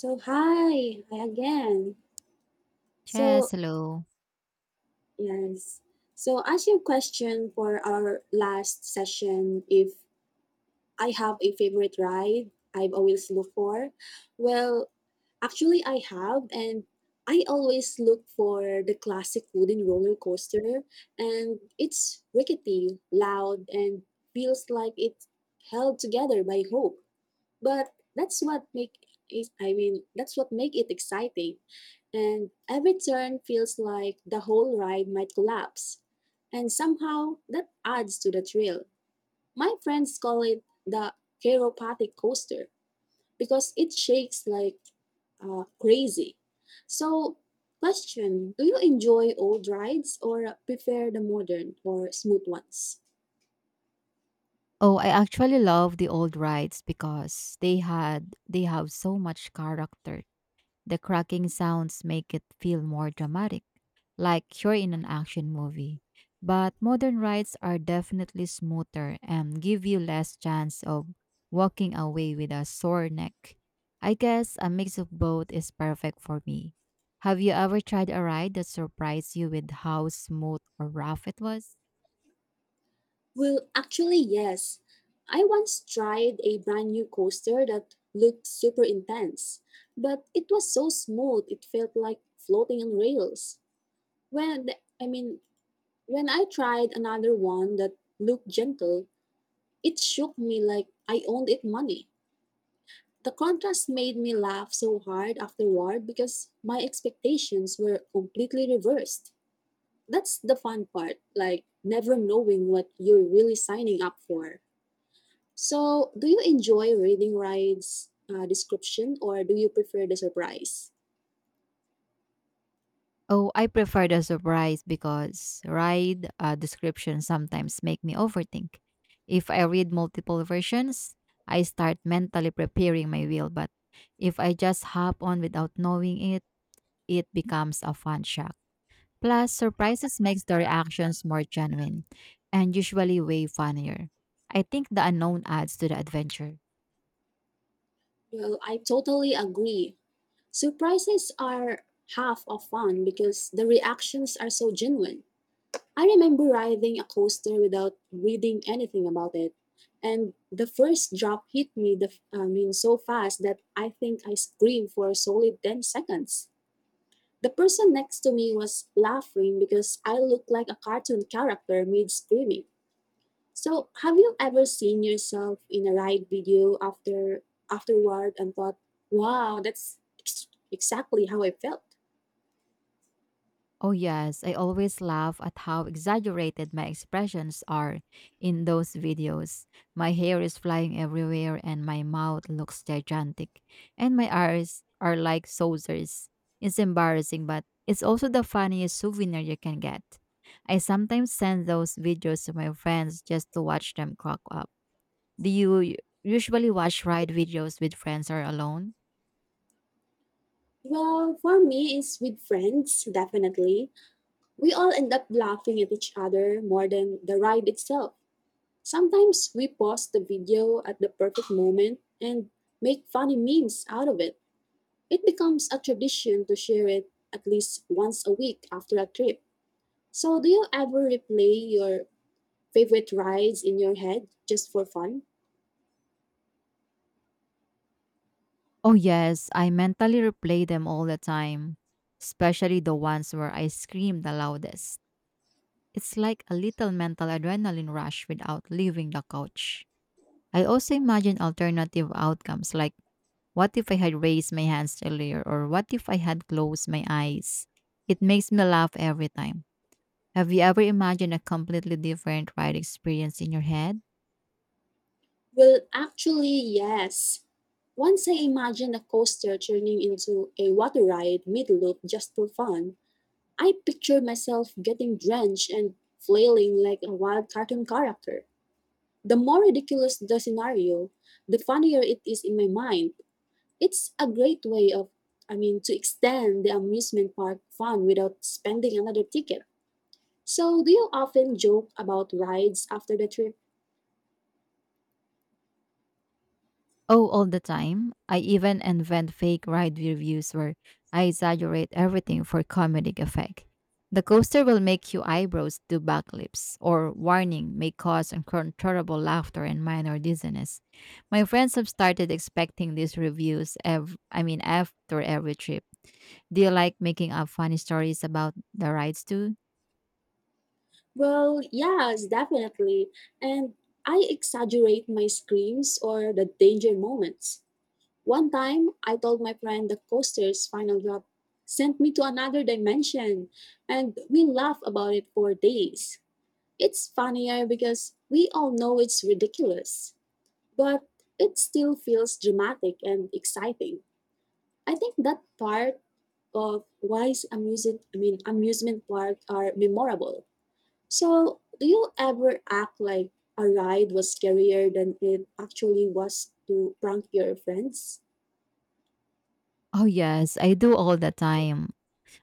So hi again. Yes, So hello. yes. So as your question for our last session, if I have a favorite ride I've always looked for, well, actually I have, and I always look for the classic wooden roller coaster, and it's rickety, loud, and feels like it's held together by hope. But that's what make it exciting. And every turn feels like the whole ride might collapse. And somehow that adds to the thrill. My friends call it the chiropathic coaster because it shakes like crazy. So, question, do you enjoy old rides or prefer the modern or smooth ones? Oh, I actually love the old rides because they have so much character. The cracking sounds make it feel more dramatic, like you're in an action movie. But modern rides are definitely smoother and give you less chance of walking away with a sore neck. I guess a mix of both is perfect for me. Have you ever tried a ride that surprised you with how smooth or rough it was? Actually, yes. I once tried a brand new coaster that looked super intense, but it was so smooth it felt like floating on rails. When I mean, when I tried another one that looked gentle, it shook me like I owned it money. The contrast made me laugh so hard afterward because my expectations were completely reversed. That's the fun part, like never knowing what you're really signing up for. So, do you enjoy reading Ride's description or do you prefer the surprise? Oh, I prefer the surprise because ride descriptions sometimes make me overthink. If I read multiple versions, I start mentally preparing my wheel. But if I just hop on without knowing it, it becomes a fun shock. Plus, surprises makes the reactions more genuine and usually way funnier. I think the unknown adds to the adventure. Well, I totally agree. Surprises are half of fun because the reactions are so genuine. I remember riding a coaster without reading anything about it. And the first drop hit me so fast that I think I screamed for a solid 10 seconds. The person next to me was laughing because I looked like a cartoon character mid screaming. So, have you ever seen yourself in a ride video afterward and thought, "Wow, that's exactly how I felt"? Oh, yes, I always laugh at how exaggerated my expressions are in those videos. My hair is flying everywhere, and my mouth looks gigantic, and my eyes are like saucers. It's embarrassing, but it's also the funniest souvenir you can get. I sometimes send those videos to my friends just to watch them crack up. Do you usually watch ride videos with friends or alone? Well, for me, it's with friends, definitely. We all end up laughing at each other more than the ride itself. Sometimes we pause the video at the perfect moment and make funny memes out of it. It becomes a tradition to share it at least once a week after a trip. So, do you ever replay your favorite rides in your head just for fun? Oh, yes, I mentally replay them all the time, especially the ones where I scream the loudest. It's like a little mental adrenaline rush without leaving the couch. I also imagine alternative outcomes like what if I had raised my hands earlier or what if I had closed my eyes? It makes me laugh every time. Have you ever imagined a completely different ride experience in your head? Actually, yes. Once I imagined a coaster turning into a water ride mid loop just for fun, I pictured myself getting drenched and flailing like a wild cartoon character. The more ridiculous the scenario, the funnier it is in my mind. It's a great way to extend the amusement park fun without spending another ticket. So, do you often joke about rides after the trip? Oh, all the time. I even invent fake ride reviews where I exaggerate everything for comedic effect. The coaster will make you eyebrows do backflips, or warning may cause uncontrollable laughter and minor dizziness. My friends have started expecting these reviews. After every trip. Do you like making up funny stories about the rides too? Well, yes, definitely. And I exaggerate my screams or the danger moments. One time, I told my friend the coaster's final drop sent me to another dimension, and we laugh about it for days. It's funnier because we all know it's ridiculous, but it still feels dramatic and exciting. I think that part of why amusement park are memorable. So, do you ever act like a ride was scarier than it actually was to prank your friends? Oh yes, I do all the time.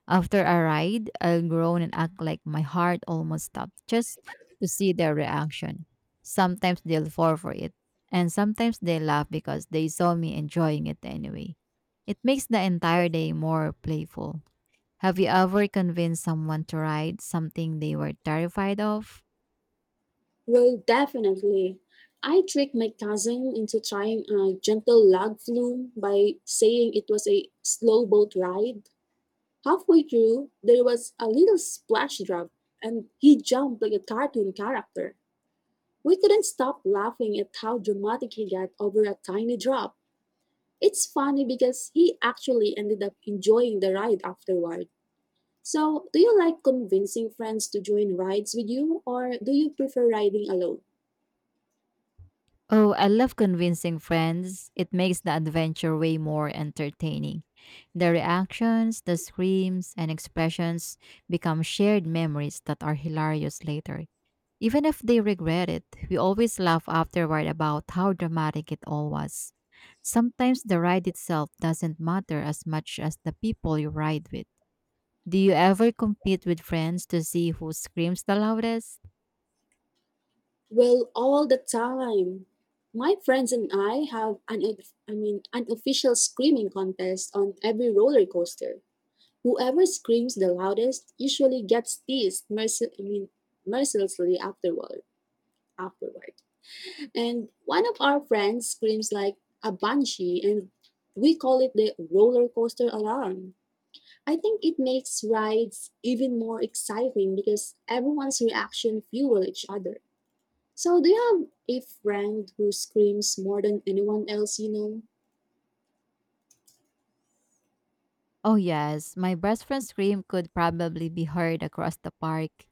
After a ride, I'll groan and act like my heart almost stopped just to see their reaction. Sometimes they'll fall for it, and sometimes they laugh because they saw me enjoying it anyway. It makes the entire day more playful. Have you ever convinced someone to ride something they were terrified of? Well, definitely. I tricked my cousin into trying a gentle log flume by saying it was a slow boat ride. Halfway through, there was a little splash drop, and he jumped like a cartoon character. We couldn't stop laughing at how dramatic he got over a tiny drop. It's funny because he actually ended up enjoying the ride afterward. So, do you like convincing friends to join rides with you or do you prefer riding alone? Oh, I love convincing friends. It makes the adventure way more entertaining. The reactions, the screams, and expressions become shared memories that are hilarious later. Even if they regret it, we always laugh afterward about how dramatic it all was. Sometimes the ride itself doesn't matter as much as the people you ride with. Do you ever compete with friends to see who screams the loudest? Well, all the time. My friends and I have an unofficial screaming contest on every roller coaster. Whoever screams the loudest usually gets teased mercil- I mean, mercilessly afterward. And one of our friends screams like a banshee, and we call it the roller coaster alarm. I think it makes rides even more exciting because everyone's reaction fuel each other. So, do you have a friend who screams more than anyone else you know? Oh, yes, my best friend's scream could probably be heard across the park.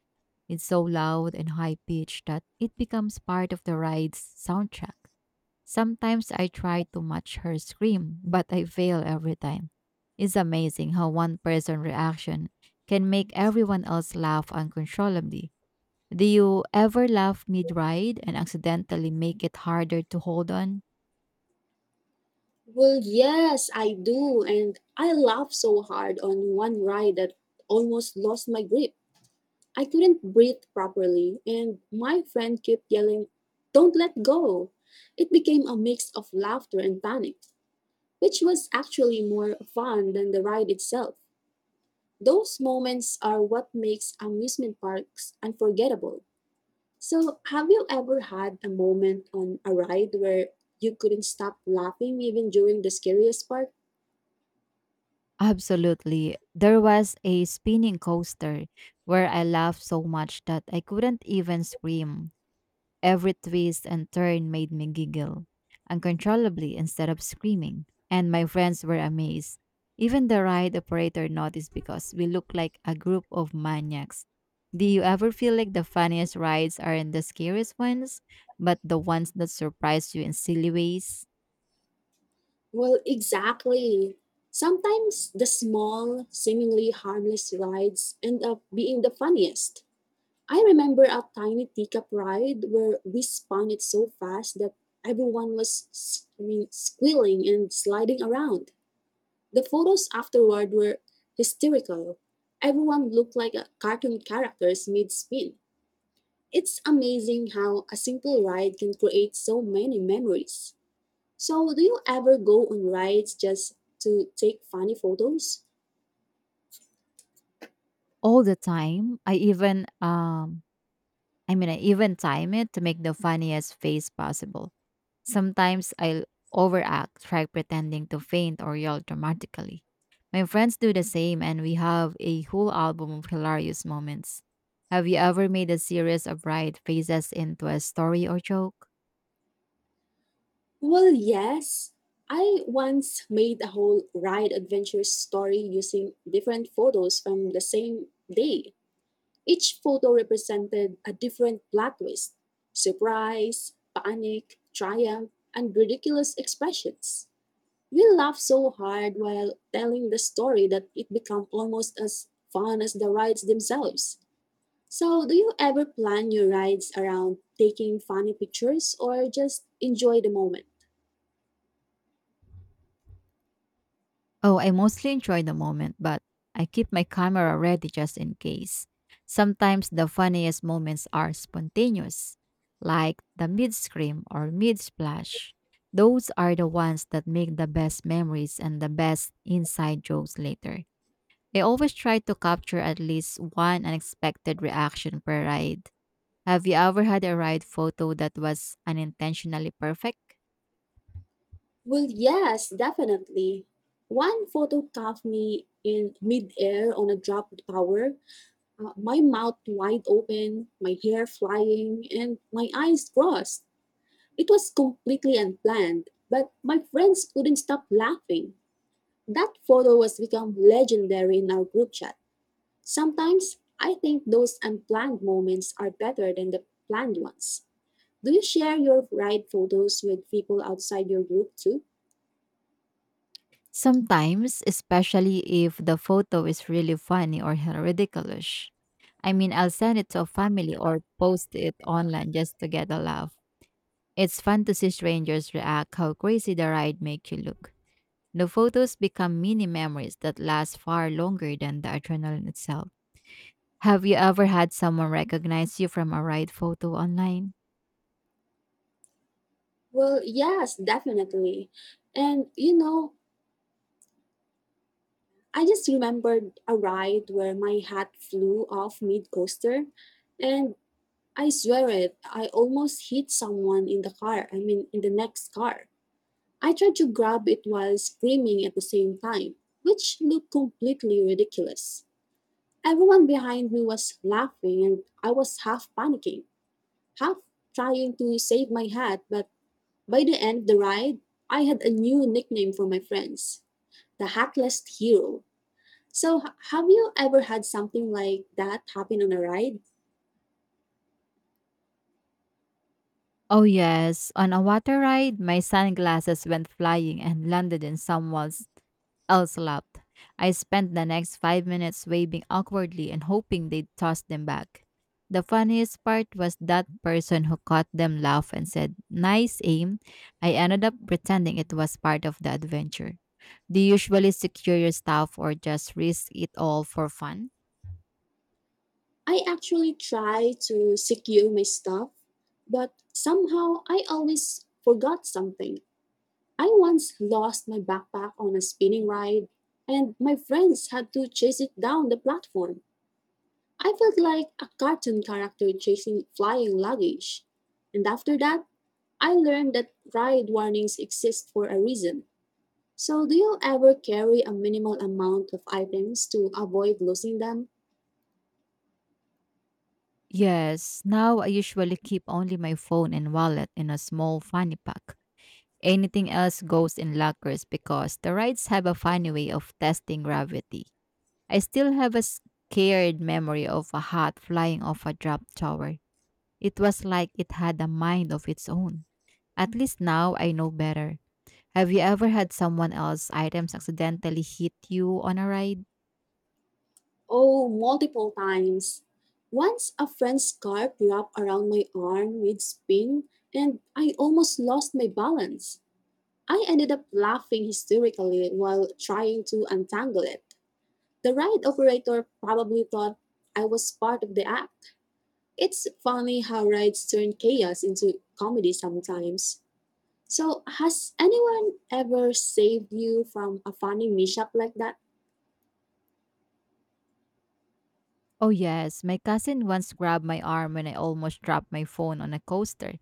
It's so loud and high pitched that it becomes part of the ride's soundtrack. Sometimes I try to match her scream, but I fail every time. It's amazing how one person's reaction can make everyone else laugh uncontrollably. Do you ever laugh mid ride and accidentally make it harder to hold on? Well, yes, I do, and I laughed so hard on one ride that almost lost my grip. I couldn't breathe properly, and my friend kept yelling, "Don't let go!" It became a mix of laughter and panic, which was actually more fun than the ride itself. Those moments are what makes amusement parks unforgettable. So, have you ever had a moment on a ride where you couldn't stop laughing even during the scariest part? Absolutely. There was a spinning coaster where I laughed so much that I couldn't even scream. Every twist and turn made me giggle uncontrollably instead of screaming, and my friends were amazed. Even the ride operator noticed because we looked like a group of maniacs. Do you ever feel like the funniest rides aren't the scariest ones, but the ones that surprise you in silly ways? Well, exactly. Sometimes the small, seemingly harmless rides end up being the funniest. I remember a tiny teacup ride where we spun it so fast that everyone was squealing and sliding around. The photos afterward were hysterical. Everyone looked like a cartoon characters mid spin. It's amazing how a simple ride can create so many memories. So, do you ever go on rides just to take funny photos? All the time. I even time it to make the funniest face possible. Sometimes I'll overact, try pretending to faint or yell dramatically. My friends do the same, and we have a whole album of hilarious moments. Have you ever made a series of bright faces into a story or joke? Well, yes. I once made a whole ride adventure story using different photos from the same day. Each photo represented a different plot twist, surprise, panic, triumph, and ridiculous expressions. We laughed so hard while telling the story that it became almost as fun as the rides themselves. So, do you ever plan your rides around taking funny pictures or just enjoy the moment? Oh, I mostly enjoy the moment, but I keep my camera ready just in case. Sometimes the funniest moments are spontaneous, like the mid scream or mid splash. Those are the ones that make the best memories and the best inside jokes later. I always try to capture at least one unexpected reaction per ride. Have you ever had a ride photo that was unintentionally perfect? Well, yes, definitely. One photo caught me in midair on a dropped tower, my mouth wide open, my hair flying, and my eyes crossed. It was completely unplanned, but my friends couldn't stop laughing. That photo has become legendary in our group chat. Sometimes I think those unplanned moments are better than the planned ones. Do you share your ride photos with people outside your group too? Sometimes, especially if the photo is really funny or ridiculous. I mean, I'll send it to a family or post it online just to get a laugh. It's fun to see strangers react how crazy the ride makes you look. The photos become mini memories that last far longer than the adrenaline itself. Have you ever had someone recognize you from a ride photo online? Well, yes, definitely. And you know, I just remembered a ride where my hat flew off mid coaster, and I swear it, I almost hit someone in the next car. I tried to grab it while screaming at the same time, which looked completely ridiculous. Everyone behind me was laughing, and I was half panicking, half trying to save my hat. But by the end of the ride, I had a new nickname for my friends, the hackless hero. So, have you ever had something like that happen on a ride? Oh yes, on a water ride, my sunglasses went flying and landed in someone's else laughed. I spent the next 5 minutes waving awkwardly and hoping they'd toss them back. The funniest part was that person who caught them laugh and said, "Nice aim." I ended up pretending it was part of the adventure. Do you usually secure your stuff or just risk it all for fun? I actually try to secure my stuff, but somehow I always forgot something. I once lost my backpack on a spinning ride, and my friends had to chase it down the platform. I felt like a cartoon character chasing flying luggage. And after that, I learned that ride warnings exist for a reason. So, do you ever carry a minimal amount of items to avoid losing them? Yes, now I usually keep only my phone and wallet in a small fanny pack. Anything else goes in lockers because the rides have a funny way of testing gravity. I still have a scared memory of a hat flying off a drop tower. It was like it had a mind of its own. At least now I know better. Have you ever had someone else's items accidentally hit you on a ride? Oh, multiple times. Once a friend's scarf wrapped around my arm with spin, and I almost lost my balance. I ended up laughing hysterically while trying to untangle it. The ride operator probably thought I was part of the act. It's funny how rides turn chaos into comedy sometimes. So, has anyone ever saved you from a funny mishap like that? Oh, yes. My cousin once grabbed my arm when I almost dropped my phone on a coaster.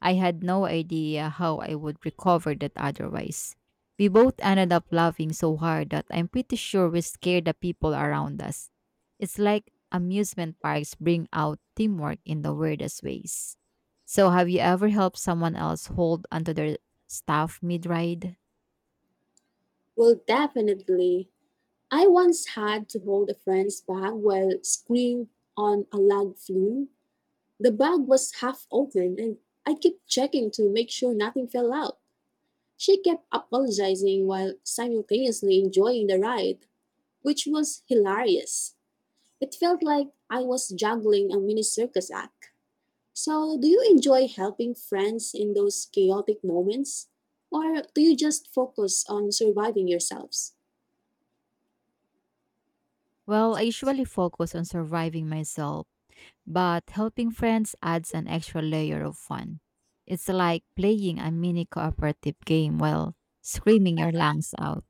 I had no idea how I would recover that otherwise. We both ended up laughing so hard that I'm pretty sure we scared the people around us. It's like amusement parks bring out teamwork in the weirdest ways. So, have you ever helped someone else hold onto their stuff mid ride? Well, definitely. I once had to hold a friend's bag while screwing on a log flume. The bag was half open, and I kept checking to make sure nothing fell out. She kept apologizing while simultaneously enjoying the ride, which was hilarious. It felt like I was juggling a mini circus act. So, do you enjoy helping friends in those chaotic moments? Or do you just focus on surviving yourselves? Well, I usually focus on surviving myself but helping friends adds an extra layer of fun. It's like playing a mini cooperative game while screaming your lungs out.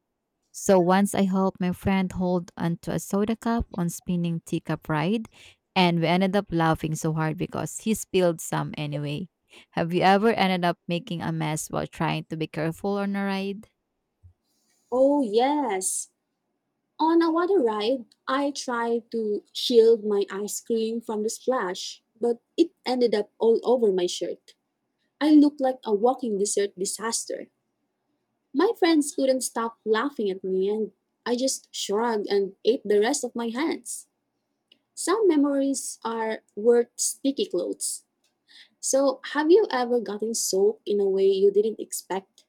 So once I helped my friend hold onto a soda cup on spinning teacup ride, and we ended up laughing so hard because he spilled some anyway. Have you ever ended up making a mess while trying to be careful on a ride? Oh, yes. On a water ride, I tried to shield my ice cream from the splash, but it ended up all over my shirt. I looked like a walking dessert disaster. My friends couldn't stop laughing at me, and I just shrugged and ate the rest of my hands. Some memories are worth sticky clothes. So, have you ever gotten soaked in a way you didn't expect?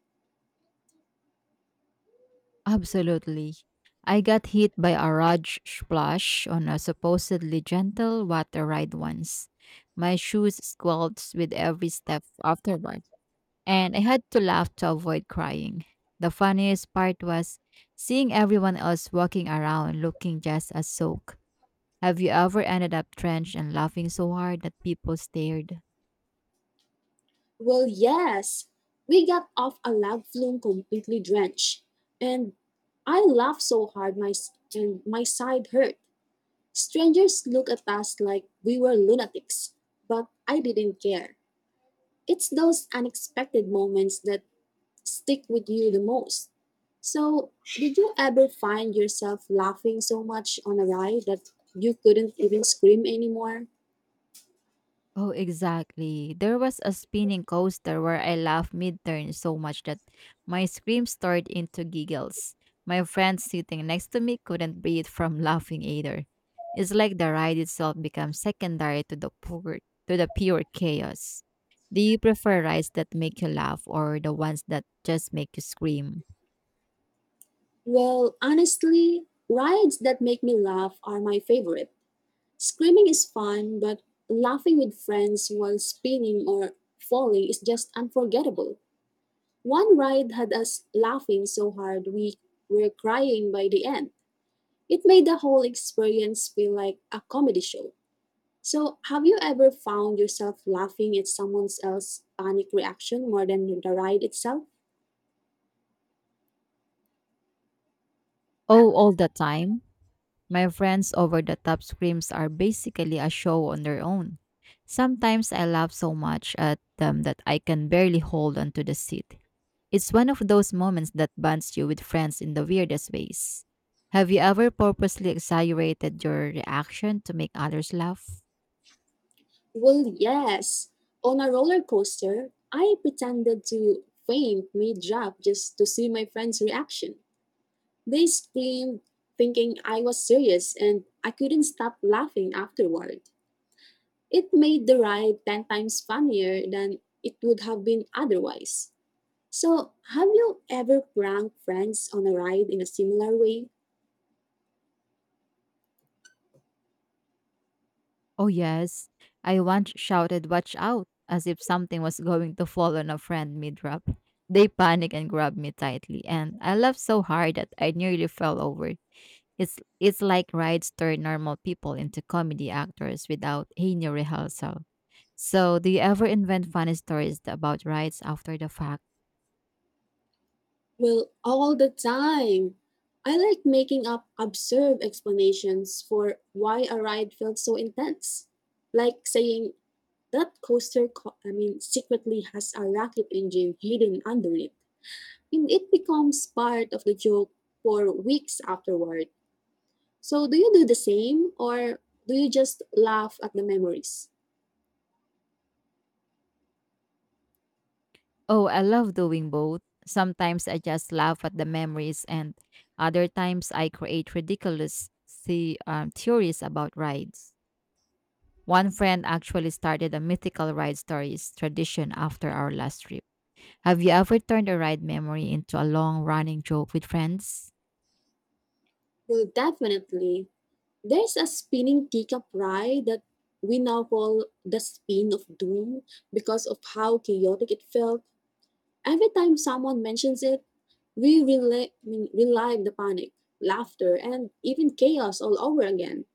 Absolutely. I got hit by a large splash on a supposedly gentle water ride once. My shoes squelched with every step afterward, and I had to laugh to avoid crying. The funniest part was seeing everyone else walking around looking just as soaked. Have you ever ended up drenched and laughing so hard that people stared? Well, yes. We got off a lava flume completely drenched, and I laughed so hard my s- and my side hurt. Strangers looked at us like we were lunatics, but I didn't care. It's those unexpected moments that stick with you the most. So, did you ever find yourself laughing so much on a ride that you couldn't even scream anymore? Oh, exactly. There was a spinning coaster where I laughed mid-turn so much that my screams turned into giggles. My friend sitting next to me couldn't breathe from laughing either. It's like the ride itself becomes secondary to to the pure chaos. Do you prefer rides that make you laugh or the ones that just make you scream? Well, honestly, rides that make me laugh are my favorite. Screaming is fun, but laughing with friends while spinning or falling is just unforgettable. One ride had us laughing so hard we were crying by the end. It made the whole experience feel like a comedy show. So, have you ever found yourself laughing at someone else's panic reaction more than the ride itself? Oh, all the time. My friends' over the top screams are basically a show on their own. Sometimes I laugh so much at them that I can barely hold onto the seat. It's one of those moments that bonds you with friends in the weirdest ways. Have you ever purposely exaggerated your reaction to make others laugh? Well, yes. On a roller coaster, I pretended to faint mid drop just to see my friends' reaction. They screamed, thinking I was serious, and I couldn't stop laughing afterward. It made the ride 10 times funnier than it would have been otherwise. So, have you ever pranked friends on a ride in a similar way? Oh, yes. I once shouted, "Watch out!" as if something was going to fall on a friend mid drop. They panicked and grabbed me tightly, and I laughed so hard that I nearly fell over. It's like rides turn normal people into comedy actors without any rehearsal. So, do you ever invent funny stories about rides after the fact? Well, all the time. I like making up absurd explanations for why a ride felt so intense. Like saying, that coaster secretly has a rocket engine hidden under it. And it becomes part of the joke for weeks afterward. So, do you do the same, or do you just laugh at the memories? Oh, I love doing both. Sometimes I just laugh at the memories, and other times I create ridiculous theories about rides. One friend actually started a mythical ride stories tradition after our last trip. Have you ever turned a ride memory into a long running joke with friends? Well, definitely. There's a spinning teacup ride that we now call the spin of doom because of how chaotic it felt. Every time someone mentions it, we relive the panic, laughter, and even chaos all over again.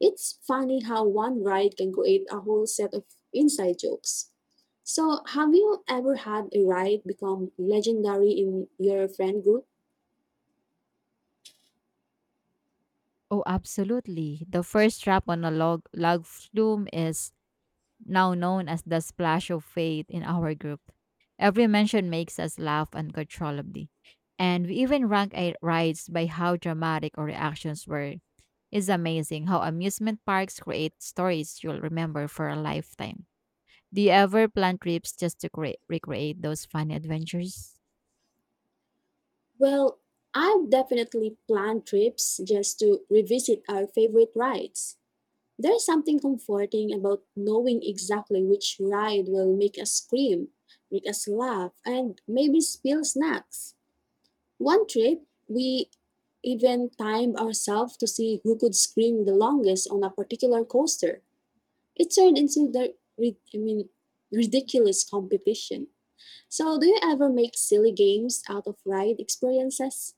It's funny how one ride can create a whole set of inside jokes. So, have you ever had a ride become legendary in your friend group? Oh, absolutely. The first trap on a log flume is now known as the splash of fate in our group. Every mention makes us laugh uncontrollably. And we even rank our rides by how dramatic our reactions were. It's amazing how amusement parks create stories you'll remember for a lifetime. Do you ever plan trips just to recreate those funny adventures? Well, I've definitely planned trips just to revisit our favorite rides. There's something comforting about knowing exactly which ride will make us scream, make us laugh, and maybe spill snacks. One trip, we even timed ourselves to see who could scream the longest on a particular coaster. It turned into the ridiculous competition. So, do you ever make silly games out of ride experiences?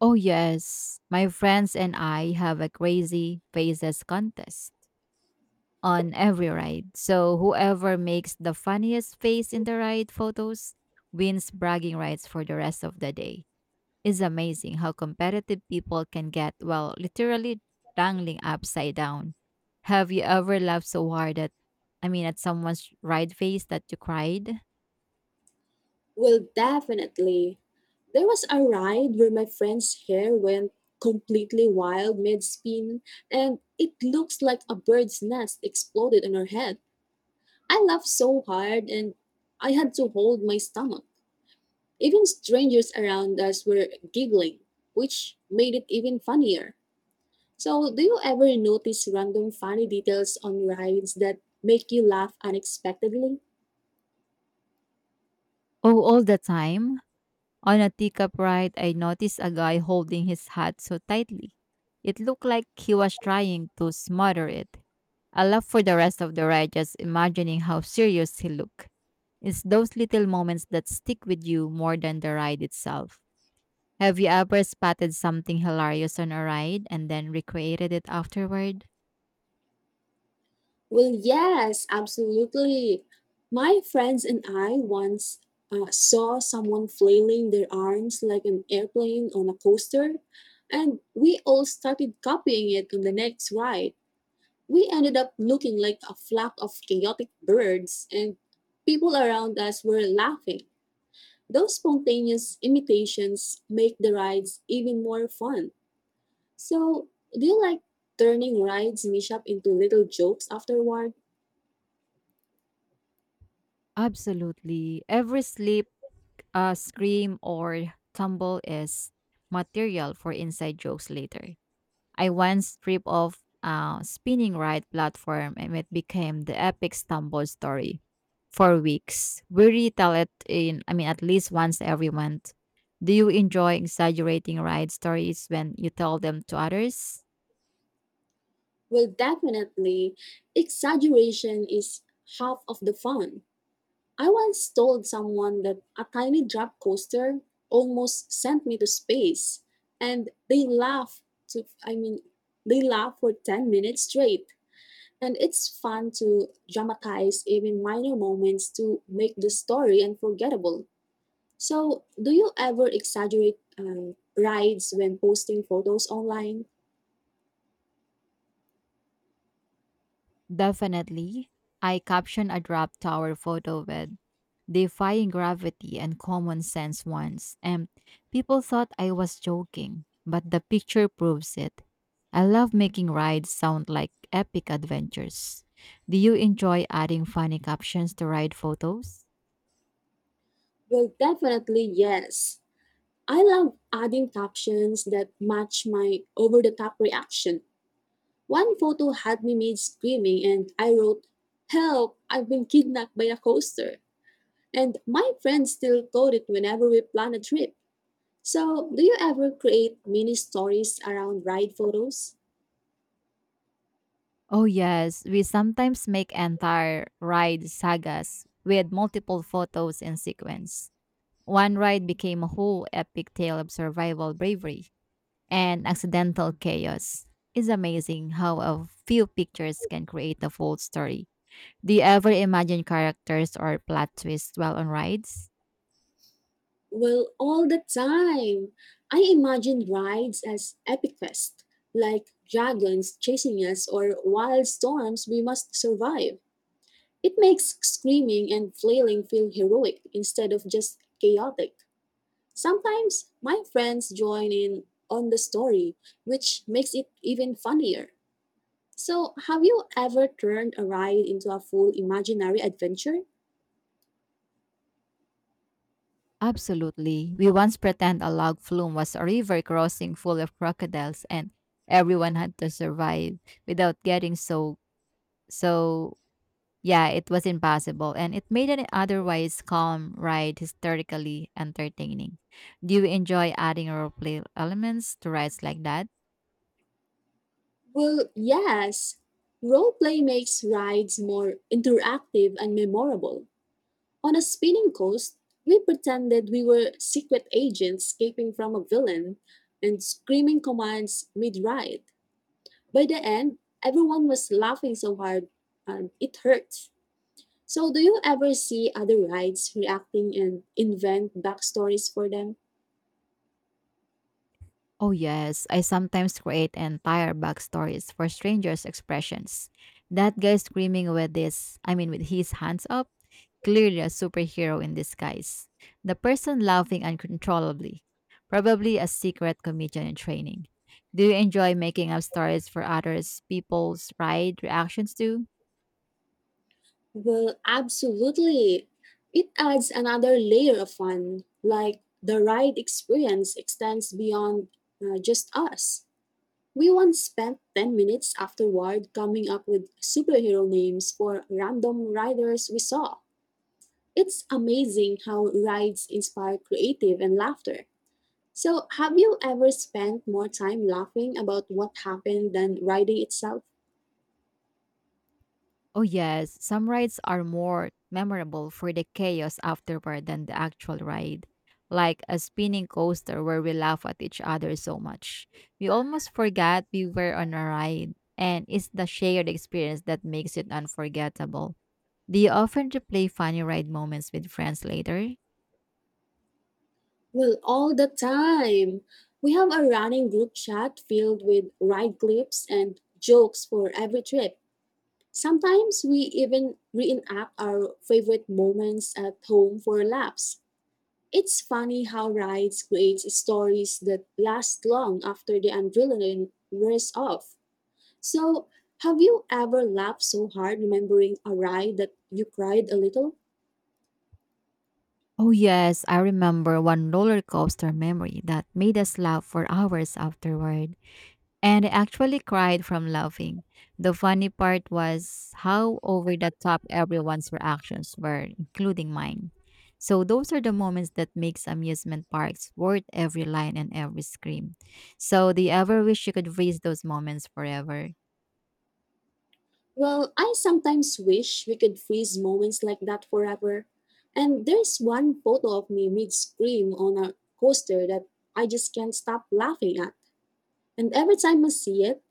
Oh, yes. My friends and I have a crazy faces contest on every ride. So whoever makes the funniest face in the ride photos wins bragging rights for the rest of the day. It's amazing how competitive people can get while literally dangling upside down. Have you ever laughed so hard at at someone's ride face that you cried? Well, definitely. There was a ride where my friend's hair went completely wild mid spin, and it looks like a bird's nest exploded on her head. I laughed so hard, and I had to hold my stomach. Even strangers around us were giggling, which made it even funnier. So, do you ever notice random funny details on rides that make you laugh unexpectedly? Oh, all the time. On a teacup ride, I noticed a guy holding his hat so tightly. It looked like he was trying to smother it. I laughed for the rest of the ride just imagining how serious he looked. It's those little moments that stick with you more than the ride itself. Have you ever spotted something hilarious on a ride and then recreated it afterward? Well, yes, absolutely. My friends and I once saw someone flailing their arms like an airplane on a coaster, and we all started copying it on the next ride. We ended up looking like a flock of chaotic birds, and people around us were laughing. Those spontaneous imitations make the rides even more fun. So, do you like turning rides mishap into little jokes afterward? Absolutely. Every slip, scream, or tumble is material for inside jokes later. I once tripped off a spinning ride platform and it became the epic stumble story for weeks. We retell it at least once every month. Do you enjoy exaggerating ride stories when you tell them to others? Well, definitely, exaggeration is half of the fun. I once told someone that a tiny drop coaster almost sent me to space, and they laughed to, I mean, they laughed for 10 minutes straight. And it's fun to dramatize even minor moments to make the story unforgettable. So, do you ever exaggerate rides when posting photos online? Definitely. I captioned a drop tower photo with defying gravity and common sense once, and people thought I was joking, but the picture proves it. I love making rides sound like epic adventures. Do you enjoy adding funny captions to ride photos? Well, definitely yes. I love adding captions that match my over the top reaction. One photo had me made screaming, and I wrote, "Help, I've been kidnapped by a coaster." And my friends still quote it whenever we plan a trip. So, do you ever create mini stories around ride photos? Oh, yes, we sometimes make entire ride sagas with multiple photos in sequence. One ride became a whole epic tale of survival bravery, and accidental chaos. It's amazing how a few pictures can create a full story. Do you ever imagine characters or plot twists while on rides? Well, all the time. I imagine rides as epic fest, like dragons chasing us or wild storms we must survive. It makes screaming and flailing feel heroic instead of just chaotic. Sometimes my friends join in on the story, which makes it even funnier. So, have you ever turned a ride into a full imaginary adventure? Absolutely. We once pretend a log flume was a river crossing full of crocodiles and everyone had to survive without getting so yeah, it was impossible and it made an otherwise calm ride historically entertaining. Do you enjoy adding role play elements to rides like that? Well, yes. Roleplay makes rides more interactive and memorable. On a spinning coast, we pretended we were secret agents escaping from a villain and screaming commands mid ride. By the end, everyone was laughing so hard it hurts. So, do you ever see other rides reacting and invent backstories for them? Oh, yes. I sometimes create entire backstories for strangers' expressions. That guy screaming with this, I mean, with his hands up, clearly a superhero in disguise. The person laughing uncontrollably, probably a secret comedian in training. Do you enjoy making up stories for others people's ride reactions too? Well, absolutely. It adds another layer of fun, like the ride experience extends beyond just us. We once spent 10 minutes afterward coming up with superhero names for random riders we saw. It's amazing how rides inspire creative and laughter. So, have you ever spent more time laughing about what happened than writing itself? Oh, yes, some rides are more memorable for the chaos afterward than the actual ride. Like a spinning coaster where we laugh at each other so much. We almost forgot we were on a ride, and it's the shared experience that makes it unforgettable. Do you often replay funny ride moments with friends later? Well, all the time. We have a running group chat filled with ride clips and jokes for every trip. Sometimes we even reenact our favorite moments at home for laughs. It's funny how rides create stories that last long after the adrenaline wears off. So, have you ever laughed so hard remembering a ride that you cried a little? Oh, yes, I remember one roller coaster memory that made us laugh for hours afterward. And I actually cried from laughing. The funny part was how over the top everyone's reactions were, including mine. So those are the moments that makes amusement parks worth every line and every scream. So do you ever wish you could freeze those moments forever? Well, I sometimes wish we could freeze moments like that forever. And there's one photo of me mid scream on a coaster that I just can't stop laughing at. And every time I see it,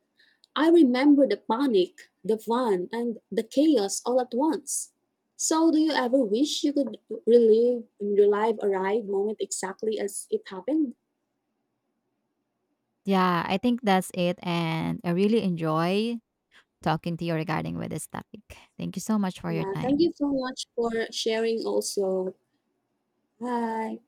I remember the panic, the fun, and the chaos all at once. So, do you ever wish you could relive a ride moment exactly as it happened? Yeah, I think that's it. And I really enjoy talking to you regarding with this topic. Thank you so much for your Yeah, thank time. you so much for sharing also. Bye.